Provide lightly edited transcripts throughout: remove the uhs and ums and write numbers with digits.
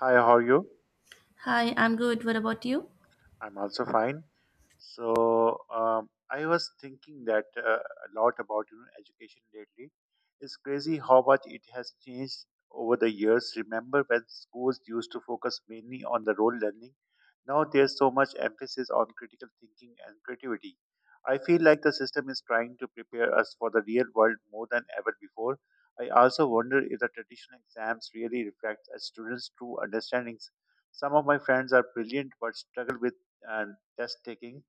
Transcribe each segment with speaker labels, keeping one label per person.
Speaker 1: Hi, how are you?
Speaker 2: Hi, I'm good. What about you?
Speaker 1: I'm also fine. So I was thinking that a lot about education lately. It's crazy how much it has changed over the years. Remember when schools used to focus mainly on the role learning? Now there's so much emphasis on critical thinking and creativity. I feel like the system is trying to prepare us for the real world more than ever before. I also wonder if the traditional exams really reflect a student's true understandings. Some of my friends are brilliant but struggle with and test taking.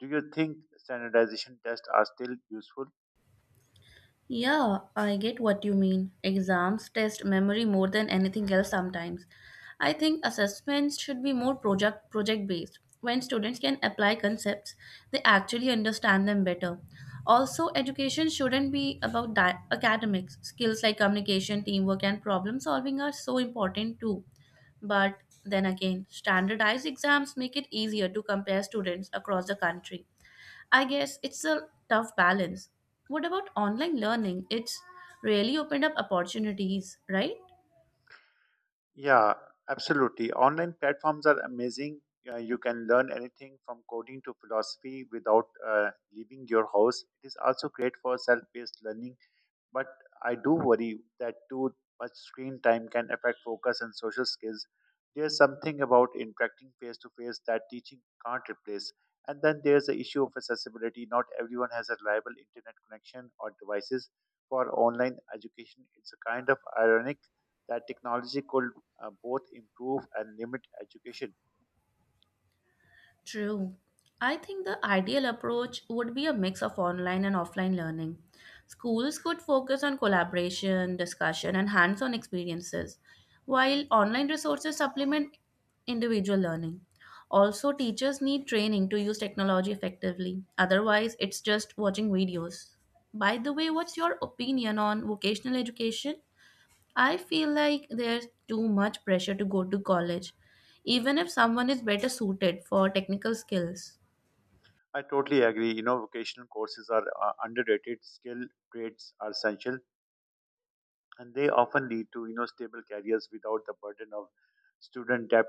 Speaker 1: Do you think standardization tests are still useful?
Speaker 2: Yeah, I get what you mean. Exams test memory more than anything else sometimes. I think assessments should be more project based. When students can apply concepts, they actually understand them better. Also, education shouldn't be about academics. Skills like communication, teamwork and problem solving are so important too. But then again, standardized exams make it easier to compare students across the country. I guess it's a tough balance. What about online learning? It's really opened up opportunities, right?
Speaker 1: Yeah, absolutely. Online platforms are amazing. You can learn anything from coding to philosophy without leaving your house. It is also great for self-paced learning. But I do worry that too much screen time can affect focus and social skills. There's something about interacting face to face that teaching can't replace. And then there's the issue of accessibility. Not everyone has a reliable internet connection or devices for online education. It's a kind of ironic that technology could both improve and limit education.
Speaker 2: True. I think the ideal approach would be a mix of online and offline learning. Schools could focus on collaboration, discussion, and hands on experiences, while online resources supplement individual learning. Also, teachers need training to use technology effectively. Otherwise, it's just watching videos. By the way, what's your opinion on vocational education? I feel like there's too much pressure to go to college, even if someone is better suited for technical skills.
Speaker 1: I totally agree. Vocational courses are underrated. Skill trades are essential, and they often lead to stable careers without the burden of student debt.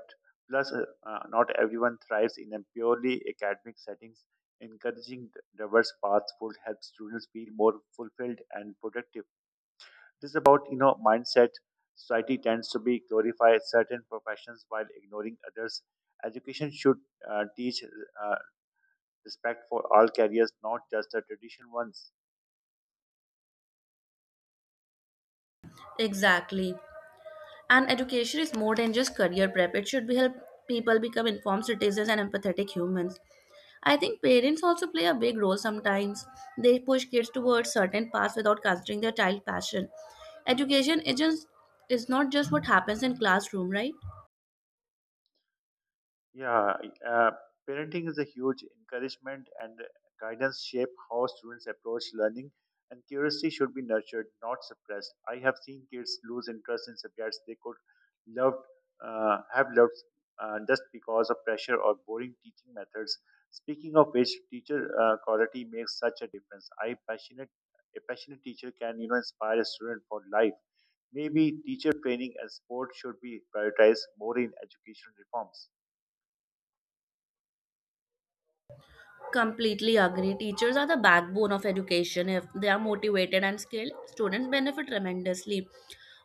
Speaker 1: Plus, not everyone thrives in a purely academic settings. Encouraging diverse paths would help students feel more fulfilled and productive. It is about mindset. Society tends to be glorify certain professions while ignoring others. Education should teach uh, respect for all careers, not just the traditional ones.
Speaker 2: Exactly. And education is more than just career prep. It should be help people become informed citizens and empathetic humans. I think parents also play a big role sometimes. They push kids towards certain paths without considering their child passion. Education is not just what happens in classroom, right?
Speaker 1: Yeah, uh, parenting is a huge encouragement, and guidance shape how students approach learning, and curiosity should be nurtured, not suppressed. I have seen kids lose interest in subjects they loved, have loved, just because of pressure or boring teaching methods. Speaking of which, teacher quality makes such a difference. I passionate a passionate teacher can inspire a student for life. Maybe teacher training and sport should be prioritized more in educational reforms.
Speaker 2: Completely agree. Teachers are the backbone of education. If they are motivated and skilled, students benefit tremendously.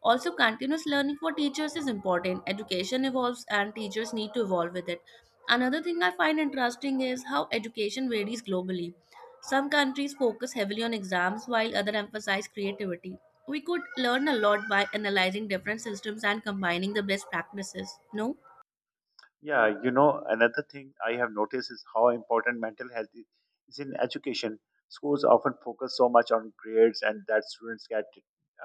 Speaker 2: Also, continuous learning for teachers is important. Education evolves and teachers need to evolve with it. Another thing I find interesting is how education varies globally. Some countries focus heavily on exams while others emphasize creativity. We could learn a lot by analyzing different systems and combining the best practices. No?
Speaker 1: Yeah, another thing I have noticed is how important mental is in education. Schools often focus so much on grades and that students get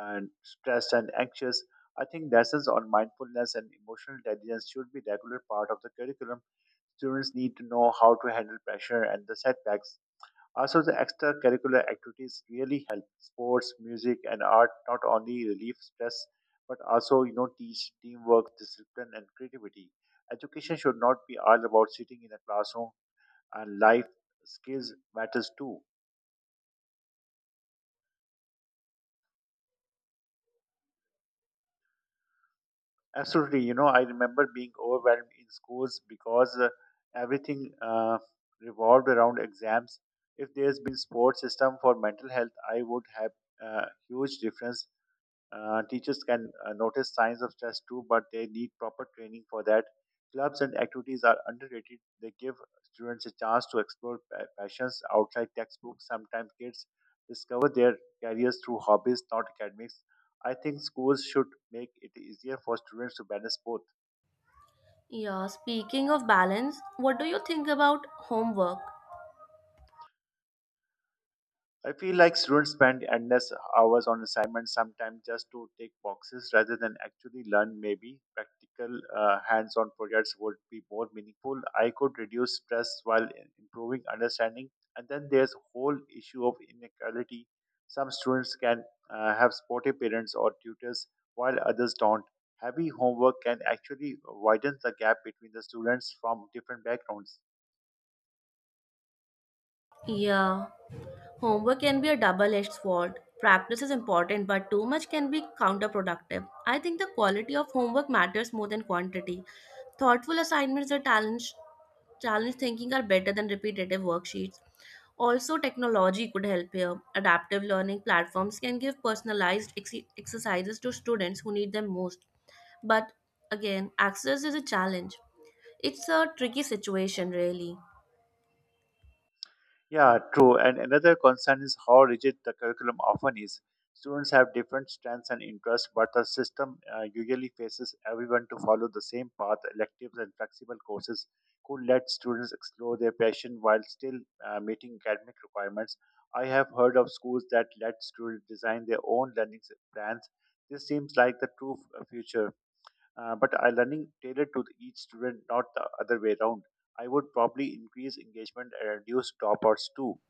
Speaker 1: stressed and anxious. I think lessons on mindfulness and emotional intelligence should be regular part of the curriculum. Students need to know how to handle pressure and the setbacks. Also, the extracurricular activities really help sports, music, and art not only relieve stress but also teach teamwork, discipline, and creativity. Education should not be all about sitting in a classroom, and life skills matters too. Absolutely, I remember being overwhelmed in schools because everything revolved around exams. If there's been sports system for mental health, I would have a huge difference. Teachers can notice signs of stress too, but they need proper training for that. Clubs and activities are underrated. They give students a chance to explore passions outside textbooks. Sometimes kids discover their careers through hobbies, not academics. I think schools should make it easier for students to balance both.
Speaker 2: Yeah, speaking of balance, what do you think about homework?
Speaker 1: I feel like students spend endless hours on assignments sometimes just to tick boxes rather than actually learn. Maybe practical hands on projects would be more meaningful. I could reduce stress while improving understanding. And then there's whole issue of inequality. Some students can have supportive parents or tutors while others don't. Heavy homework can actually widen the gap between the students from different backgrounds.
Speaker 2: Yeah. Homework can be a double edged sword. Practice is important, but too much can be counterproductive. I think the quality of homework matters more than quantity. Thoughtful assignments that challenge thinking are better than repetitive worksheets. Also, technology could help here. Adaptive learning platforms can give personalized exercises to students who need them most. But again, access is a challenge. It's a tricky situation, really.
Speaker 1: Yeah, true. And another concern is how rigid the curriculum often is. Students have different strengths and interests, but the system usually faces everyone to follow the same path. Electives and flexible courses could let students explore their passion while still meeting academic requirements. I have heard of schools that let students design their own learning plans. This seems like the true future, but are learning tailored to each student, not the other way around. I would probably increase engagement and reduce dropouts too.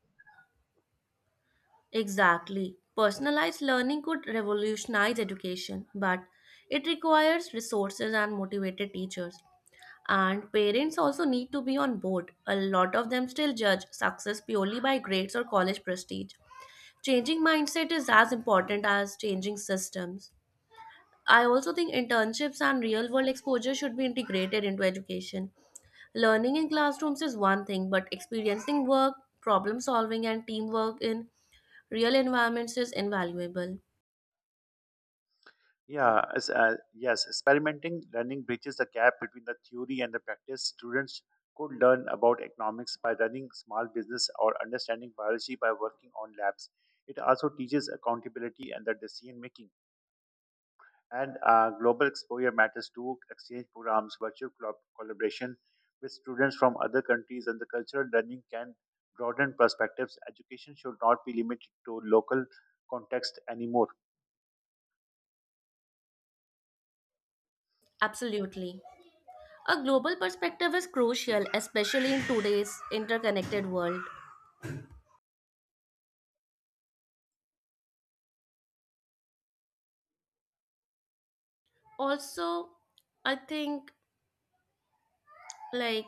Speaker 2: Exactly. Personalized learning could revolutionize education, but it requires resources and motivated teachers. And parents also need to be on board. A lot of them still judge success purely by grades or college prestige. Changing mindset is as important as changing systems. I also think internships and real world exposure should be integrated into education. Learning in classrooms is one thing, but experiencing work, problem solving, and teamwork in real environments is invaluable.
Speaker 1: Yeah, yes, experimenting learning bridges the gap between the theory and the practice. Students could learn about economics by running small business or understanding biology by working on labs. It also teaches accountability and the decision making. And global exposure matters too. Exchange programs, virtual collaboration with students from other countries, and the cultural learning can broaden perspectives. Education should not be limited to local context anymore.
Speaker 2: Absolutely. A global perspective is crucial, especially in today's interconnected world. Also, I think like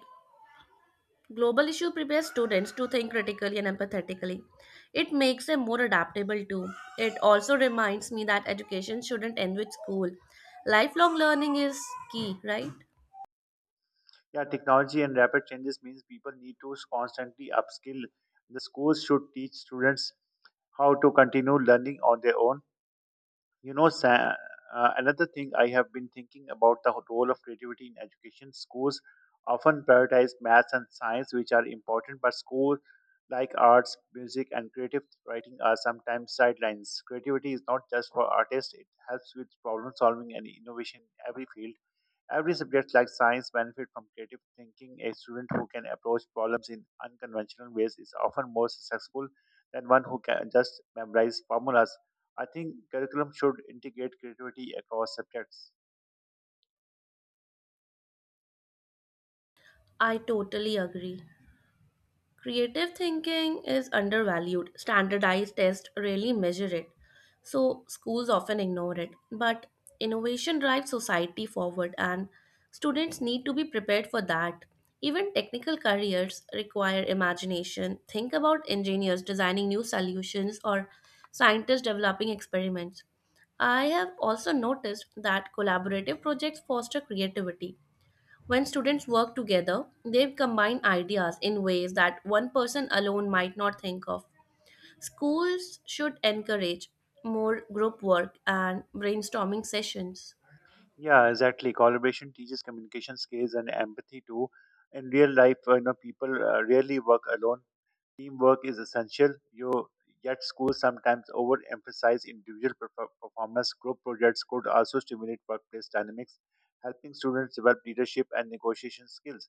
Speaker 2: global issue prepares students to think critically and empathetically. It makes them more adaptable too. It also reminds me that education shouldn't end with school. Lifelong learning is key, right?
Speaker 1: Yeah, technology and rapid changes means people need to constantly upskill. The schools should teach students how to continue learning on their own. You know, Sa- Another thing I have been thinking about the role of creativity in education. Schools often prioritize maths and science, which are important, but schools like arts, music, and creative writing are sometimes sidelines. Creativity is not just for artists; it helps with problem solving and innovation in every field. Every subject like science benefit from creative thinking. A student who can approach problems in unconventional ways is often more successful than one who can just memorize formulas. I think curriculum should integrate creativity across subjects.
Speaker 2: I totally agree. Creative thinking is undervalued. Standardized tests rarely measure it, so schools often ignore it. But innovation drives society forward, and students need to be prepared for that. Even technical careers require imagination. Think about engineers designing new solutions or scientists developing experiments. I have also noticed that collaborative projects foster creativity when students work together. They combine ideas in ways that one person alone might not think of. Schools should encourage more group work and brainstorming sessions.
Speaker 1: Yeah, exactly. Collaboration teaches communication skills and empathy too. In real life, people rarely work alone. Teamwork is essential, yet schools sometimes overemphasize individual performance. Group projects could also stimulate workplace dynamics, helping students develop leadership and negotiation skills.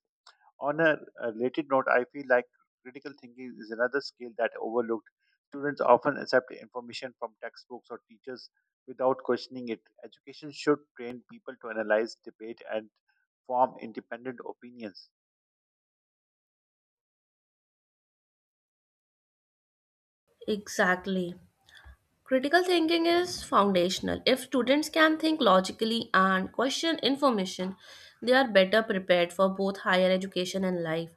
Speaker 1: On a related note, I feel like critical thinking is another skill that overlooked. Students often accept information from textbooks or teachers without questioning it. Education should train people to analyze, debate, and form independent opinions.
Speaker 2: Exactly. Critical thinking is foundational. If students can think logically and question information, they are better prepared for both higher education and life.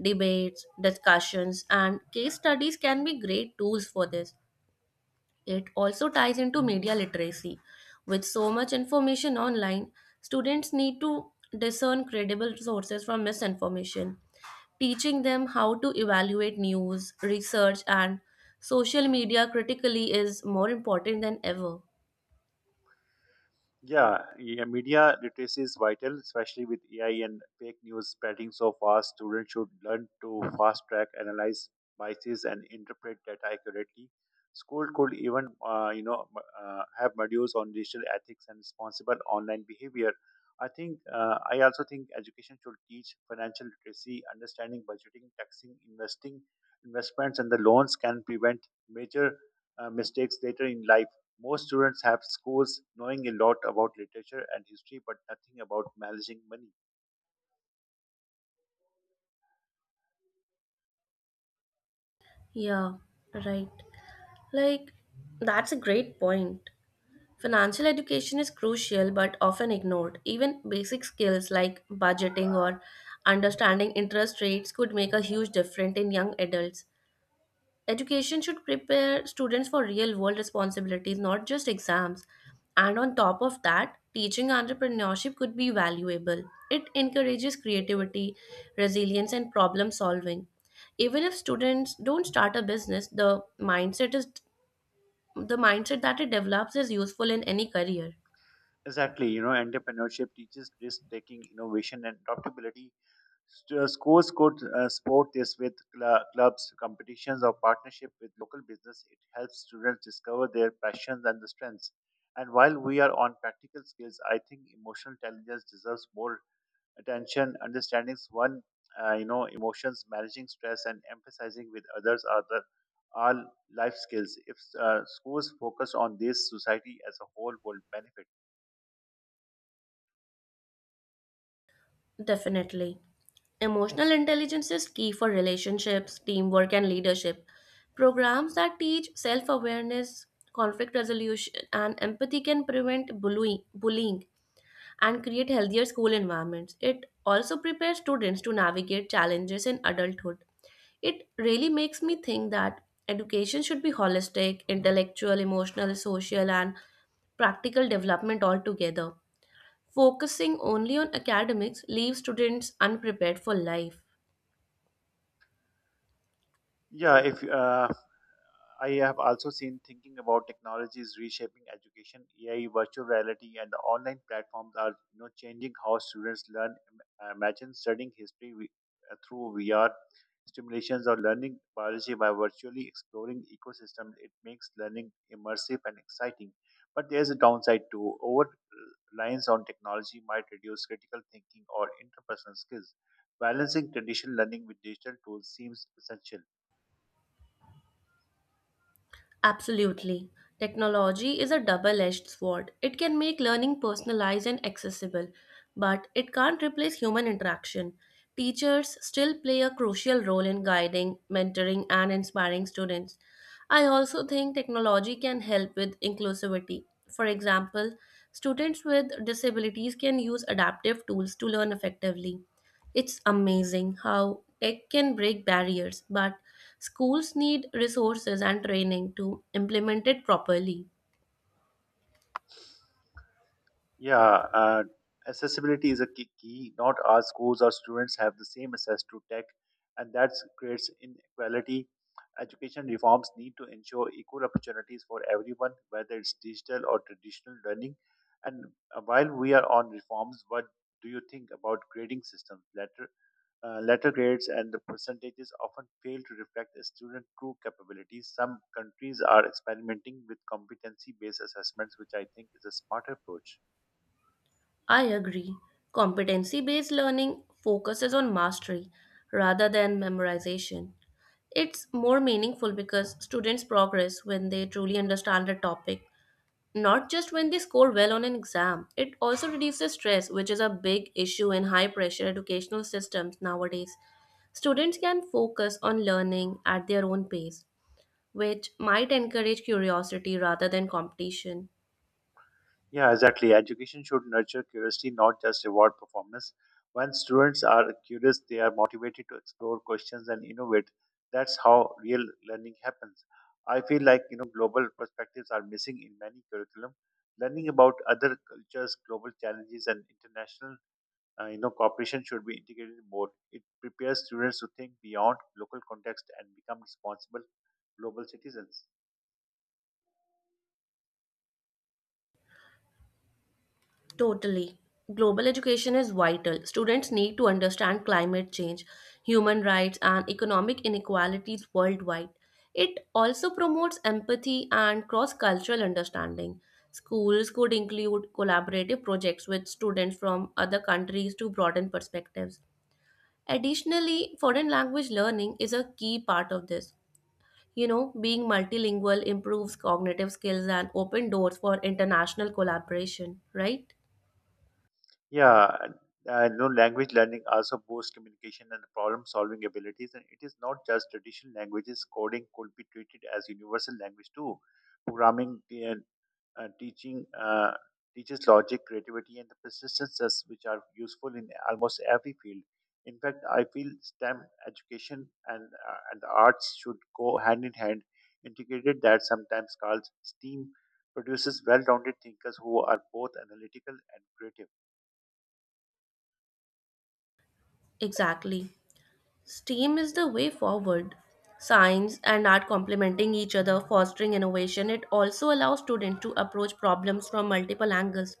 Speaker 2: Debates, discussions, and case studies can be great tools for this. It also ties into media literacy. With so much information online, students need to discern credible sources from misinformation. Teaching them how to evaluate news, research, and social media critically is more important than ever.
Speaker 1: Yeah, yeah, media literacy is vital, especially with AI and fake news spreading so fast. Students should learn to fast track, analyze biases, and interpret data accurately. School could even, have modules on digital ethics and responsible online behavior. I also think education should teach financial literacy, understanding budgeting, taxing, investments, and the loans can prevent major mistakes later in life. Most students have schools knowing a lot about literature and history, but nothing about managing money.
Speaker 2: Yeah, right. Like, that's a great point. Financial education is crucial but often ignored. Even basic skills like budgeting or understanding interest rates could make a huge difference in young adults. Education should prepare students for real world responsibilities, not just exams. And on top of that, teaching entrepreneurship could be valuable. It encourages creativity, resilience, and problem solving. Even if students don't start a business, the mindset that it develops is useful in any career.
Speaker 1: Exactly, entrepreneurship teaches risk taking, innovation, and adaptability. Schools could support this with clubs, competitions, or partnership with local business. It helps students discover their passions and the strengths. And while we are on practical skills, I think emotional intelligence deserves more attention, understanding emotions, managing stress, and emphasizing with others are the all life skills. If schools focus on this, society as a whole will benefit.
Speaker 2: Definitely. Emotional intelligence is key for relationships, teamwork, and leadership. Programs that teach self awareness, conflict resolution, and empathy can prevent bullying and create healthier school environments. It also prepares students to navigate challenges in adulthood. It really makes me think that education should be holistic. Intellectual, emotional, social, and practical development altogether. Focusing only on academics leaves students unprepared for life.
Speaker 1: Yeah, if I have also seen thinking about technologies reshaping education. AI, virtual reality, and the online platforms are changing how students learn. Imagine studying history through VR stimulations or learning biology by virtually exploring ecosystems. It makes learning immersive and exciting. But there's a downside too. Over reliance on technology might reduce critical thinking or interpersonal skills. Balancing traditional learning with digital tools seems essential.
Speaker 2: Absolutely. Technology is a double edged sword. It can make learning personalized and accessible, but it can't replace human interaction. Teachers still play a crucial role in guiding, mentoring, and inspiring students. I also think technology can help with inclusivity. For example, students with disabilities can use adaptive tools to learn effectively. It's amazing how tech can break barriers, but schools need resources and training to implement it properly.
Speaker 1: Yeah, and accessibility is a key. Not all schools or students have the same access to tech, and that creates inequality. Education reforms need to ensure equal opportunities for everyone, whether it's digital or traditional learning. And while we are on reforms, what do you think about grading systems? Letter grades and the percentages often fail to reflect a student's true capabilities. Some countries are experimenting with competency-based assessments, which I think is a smart approach.
Speaker 2: I agree. Competency based learning focuses on mastery rather than memorization. It's more meaningful because students progress when they truly understand a topic. Not just when they score well on an exam. It also reduces stress, which is a big issue in high pressure educational systems nowadays. Students can focus on learning at their own pace, which might encourage curiosity rather than competition.
Speaker 1: Yeah, exactly. Education should nurture curiosity, not just reward performance. When students are curious, they are motivated to explore questions and innovate. That's how real learning happens. I feel like global perspectives are missing in many curriculum. Learning about other cultures, global challenges, and international cooperation should be integrated more. It prepares students to think beyond local context and become responsible global citizens.
Speaker 2: Totally. Global education is vital. Students need to understand climate change, human rights, and economic inequalities worldwide. It also promotes empathy and cross cultural understanding. Schools could include collaborative projects with students from other countries to broaden perspectives. Additionally, foreign language learning is a key part of this. You know, being multilingual improves cognitive skills and open doors for international collaboration, right?
Speaker 1: Yeah, and I know language learning also boosts communication and problem solving abilities, and it is not just traditional languages. Coding could be treated as universal language too. Programming uh, teaching teaches logic, creativity, and the persistences, which are useful in almost every field. In fact, I feel STEM education and the arts should go hand in hand, integrated. That sometimes called STEAM produces well-rounded thinkers who are both analytical and creative.
Speaker 2: Exactly. STEAM is the way forward. Science and art complementing each other, fostering innovation. It also allows students to approach problems from multiple angles,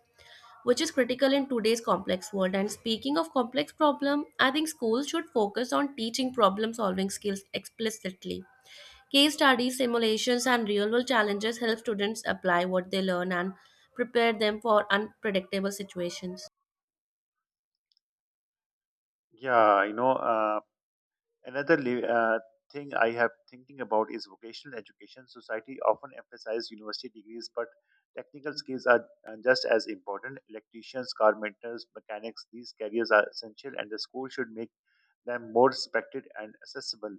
Speaker 2: which is critical in today's complex world. And speaking of complex problem, I think schools should focus on teaching problem solving skills explicitly. Case studies, simulations, and real world challenges help students apply what they learn and prepare them for unpredictable situations.
Speaker 1: Yeah, another thing I have thinking about is vocational education. Society often emphasizes university degrees, but technical skills are just as important. Electricians, carpenters, mechanics, these careers are essential, and the school should make them more respected and accessible.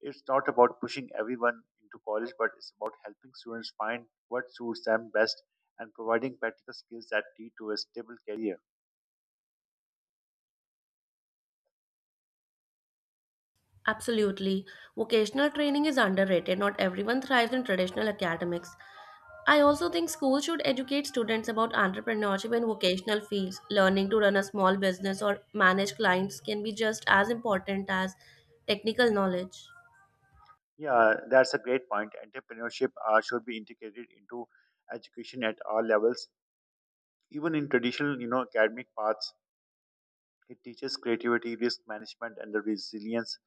Speaker 1: It's not about pushing everyone into college, but it's about helping students find what suits them best and providing practical skills that lead to a stable career.
Speaker 2: Absolutely. Vocational training is underrated. Not everyone thrives in traditional academics. I also think schools should educate students about entrepreneurship and vocational fields. Learning to run a small business or manage clients can be just as important as technical knowledge.
Speaker 1: Yeah, that's a great point. Entrepreneurship should be integrated into education at all levels, even in traditional, you know, academic paths. It teaches creativity, risk management, and the resilience.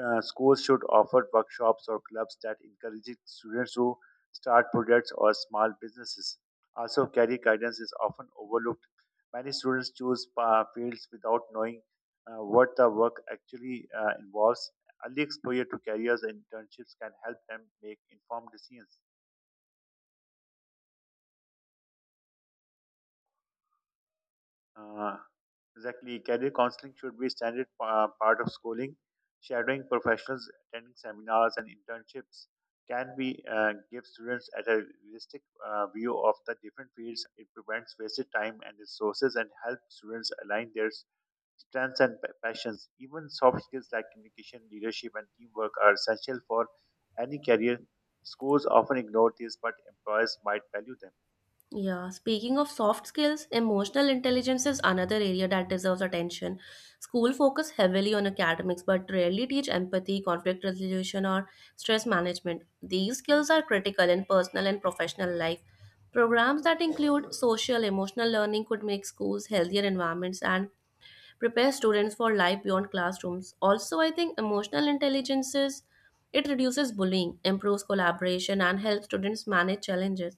Speaker 1: Schools should offer workshops or clubs that encourage students to start projects or small businesses. Also, career guidance is often overlooked. Many students choose fields without knowing what the work actually involves. Early exposure to careers and internships can help them make informed decisions. Uh, exactly. Career counseling should be a standard part of schooling. Shadowing professionals, attending seminars and internships can be, give students at a realistic view of the different fields. It prevents wasted time and resources and helps students align their strengths and passions. Even soft skills like communication, leadership, and teamwork are essential for any career. Schools often ignore these, but employers might value them.
Speaker 2: Yeah, speaking of soft skills, emotional intelligence is another area that deserves attention. School focus heavily on academics but rarely teach empathy, conflict resolution or stress management. These skills are critical in personal and professional life. Programs that include social emotional learning could make schools healthier environments and prepare students for life beyond classrooms. Also, I think emotional intelligences, it reduces bullying, improves collaboration and helps students manage challenges.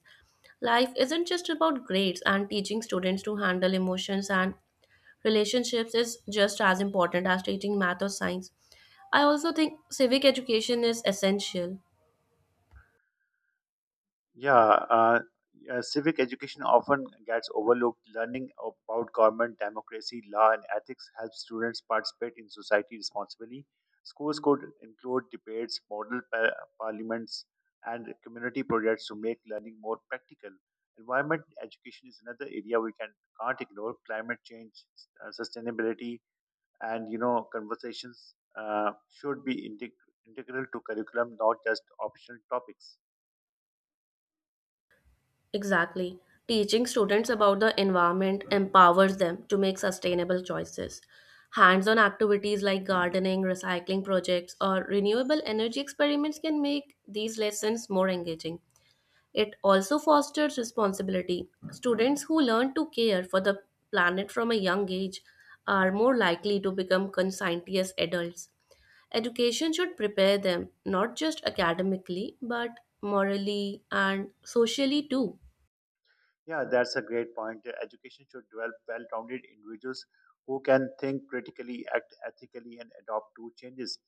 Speaker 2: Life isn't just about grades, and teaching students to handle emotions and relationships is just as important as teaching math or science. I also think civic education is essential.
Speaker 1: Yeah, civic education often gets overlooked. Learning about government, democracy, law, and ethics helps students participate in society responsibly. Schools could include debates, model parliaments, and community projects to make learning more practical. Environment education is another area we can can't ignore. Climate change, sustainability, and you know conversations should be integral to curriculum, not just optional topics.
Speaker 2: Exactly. Teaching students about the environment empowers them to make sustainable choices. Hands on activities like gardening, recycling projects, or renewable energy experiments can make these lessons more engaging. It also fosters responsibility. Students who learn to care for the planet from a young age are more likely to become conscientious adults. Education should prepare them not just academically but morally and socially too.
Speaker 1: Yeah, that's a great point. Education should develop well rounded individuals who can think critically, act ethically, and adopt to changes.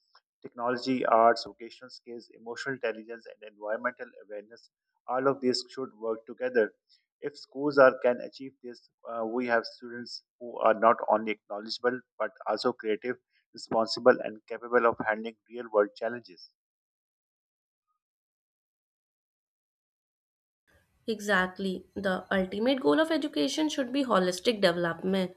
Speaker 1: Technology, arts, vocational skills, emotional intelligence, and environmental awareness, all of these should work together. If can achieve this, we have students who are not only knowledgeable but also creative, responsible, and capable of handling real world challenges.
Speaker 2: Exactly. The ultimate goal of education should be holistic development.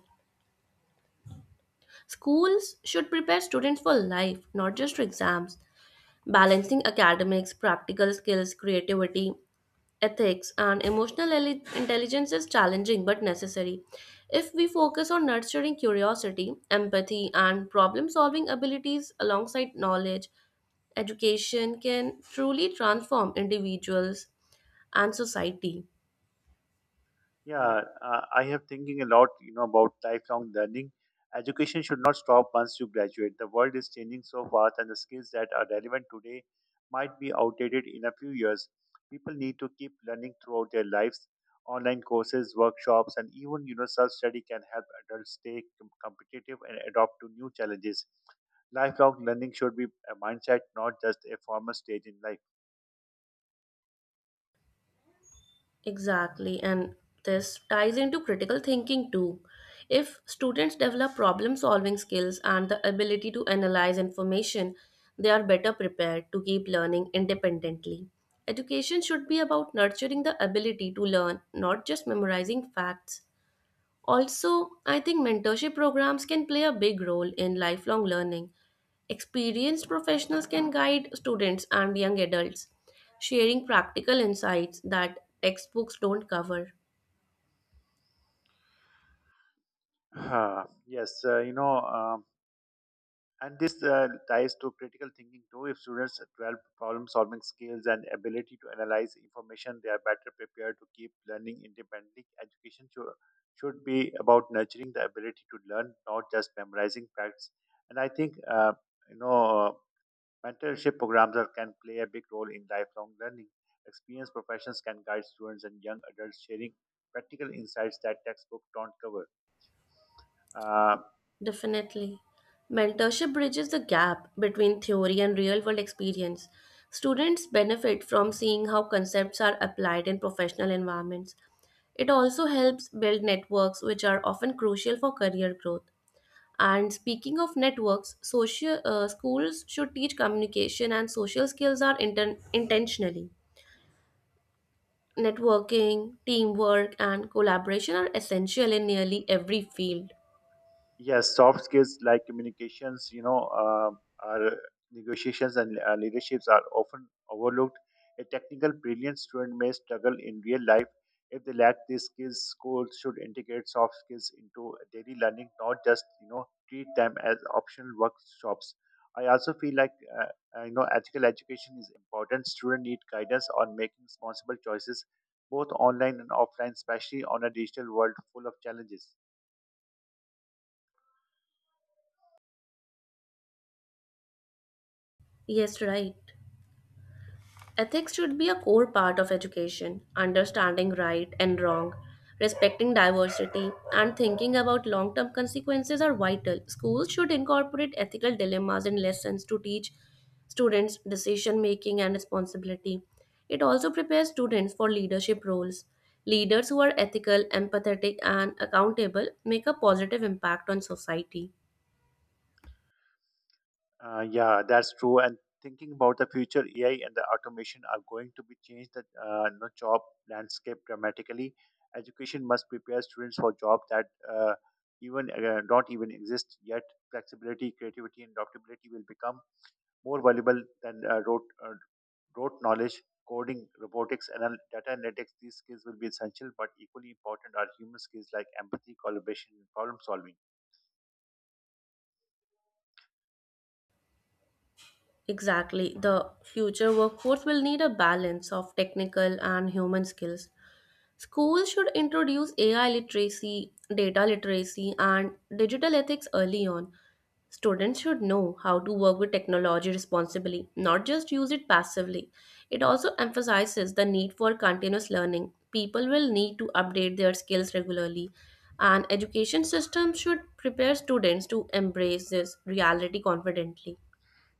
Speaker 2: Schools should prepare students for life, not just for exams. Balancing academics, practical skills, creativity, ethics, and emotional intelligence is challenging but necessary. If we focus on nurturing curiosity, empathy, and problem solving abilities alongside knowledge, education can truly transform individuals and society.
Speaker 1: Yeah, I have thinking a lot, you know, about lifelong learning. Education should not stop once you graduate. The world is changing so fast, and the skills that are relevant today might be outdated in a few years. People need to keep learning throughout their lives. Online courses, workshops, and even you know, self-study can help adults stay competitive and adopt to new challenges. Lifelong learning should be a mindset, not just a formal stage in life.
Speaker 2: Exactly, and this ties into critical thinking too. If students develop problem solving skills and the ability to analyze information, they are better prepared to keep learning independently. Education should be about nurturing the ability to learn, not just memorizing facts. Also, I think mentorship programs can play a big role in lifelong learning. Experienced professionals can guide students and young adults, sharing practical insights that textbooks don't cover.
Speaker 1: Yes, And this ties to critical thinking too. If students develop problem solving skills and ability to analyze information, they are better prepared to keep learning independently. Should be about nurturing the ability to learn, not just memorizing facts. And I think, you know, mentorship can play a big role in lifelong learning. Experienced professionals can guide students and young adults sharing practical insights that textbooks don't cover. Uh,
Speaker 2: Definitely. Mentorship bridges the gap between theory and real world experience. Students benefit from seeing how concepts are applied in professional environments. It also helps build networks, which are often crucial for career growth. And speaking of networks, social schools should teach communication and social skills are intentionally. Networking, teamwork, and collaboration are essential in nearly every field.
Speaker 1: Yes, soft skills like communications are negotiations and leaderships are often overlooked. A technical brilliant student may struggle in real life if they lack these skills. Schools should integrate soft skills into daily learning, not just you know treat them as optional workshops. I also feel like uh, you know ethical education is important. Students need guidance on making responsible choices, both online and offline, especially on a digital world full of challenges.
Speaker 2: Yes, right. Ethics should be a core part of education. Understanding right and wrong, respecting diversity, and thinking about long term consequences are vital. Schools should incorporate ethical dilemmas in lessons to teach students decision making and responsibility. It also prepares students for leadership roles. Leaders who are ethical, empathetic, and accountable make a positive impact on society.
Speaker 1: Yeah, that's true. And thinking about the future, AI and the automation are going to be change the you know, job landscape dramatically. Education must prepare students for jobs that even don't even exist yet. Flexibility, creativity, and adaptability will become more valuable than rote knowledge. Coding, robotics, and data analytics, these skills will be essential, but equally important are human skills like empathy, collaboration, and problem solving.
Speaker 2: Exactly. The future workforce will need a balance of technical and human skills. Schools should introduce AI literacy, data literacy, and digital ethics early on. Students should know how to work with technology responsibly, not just use it passively. It also emphasizes the need for continuous learning. People will need to update their skills regularly, and education system should prepare students to embrace this reality confidently.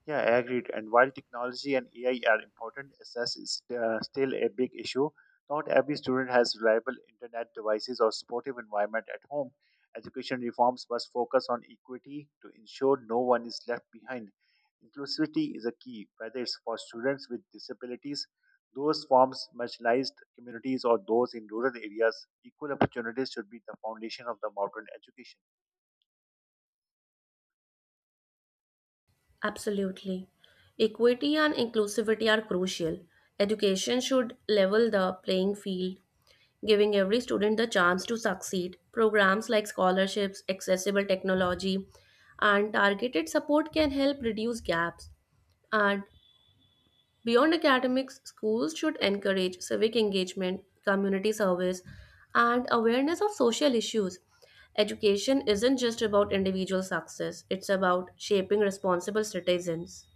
Speaker 1: Yeah, I agreed. And while technology and AI are important, access is, still a big issue. Not every student has reliable internet devices or supportive environment at home. Education reforms must focus on equity to ensure no one is left behind. Inclusivity is a key, whether it's for students with disabilities, those forms marginalized communities, or those in rural areas. Equal opportunities should be the foundation of the modern education.
Speaker 2: Absolutely. Equity and inclusivity are crucial. Education should level the playing field, giving every student the chance to succeed. Programs like scholarships, accessible technology, and targeted support can help reduce gaps. And beyond academics, schools should encourage civic engagement, community service, and awareness of social issues. Education isn't just about individual success, it's about shaping responsible citizens.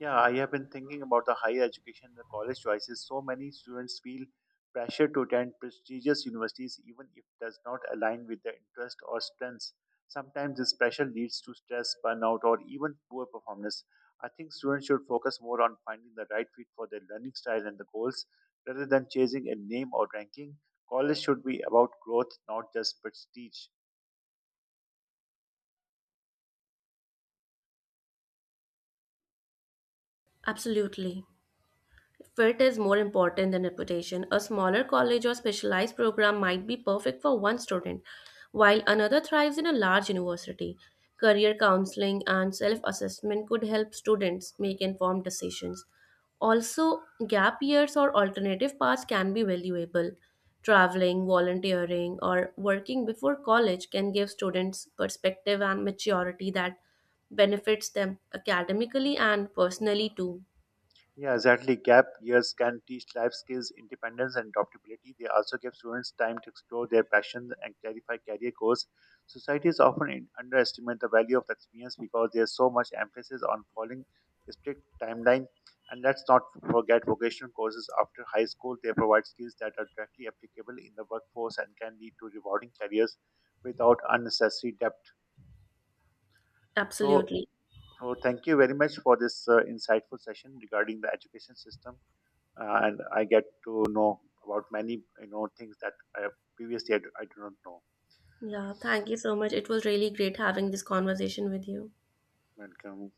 Speaker 1: Yeah, I have been thinking about the higher education, the college choices. So many students feel pressure to attend prestigious universities, even if it does not align with their interests or strengths. Sometimes this pressure leads to stress, burnout, or even poor performance. I think students should focus more on finding the right fit for their learning style and the goals rather than chasing a name or ranking. College should be about growth, not just prestige.
Speaker 2: Absolutely. Fit is more important than reputation. A smaller college or specialized program might be perfect for one student, while another thrives in a large university. Career counseling and self assessment could help students make informed decisions. Also, gap years or alternative paths can be valuable. Traveling, volunteering, or working before college can give students perspective and maturity that benefits them academically and personally too.
Speaker 1: Yeah, exactly. Gap years can teach life skills, independence, and adaptability. They also give students time to explore their passions and clarify career goals. Societies often underestimate the value of experience because there's so much emphasis on following a strict timeline. And let's not forget vocational courses after high school. They provide skills that are directly applicable in the workforce and can lead to rewarding careers without unnecessary debt. So,
Speaker 2: Absolutely.
Speaker 1: so thank you very much for this insightful session regarding the education system and I get to know about many you know things that I do not know.
Speaker 2: Yeah, thank you so much. It was really great having this conversation with you.
Speaker 1: Welcome.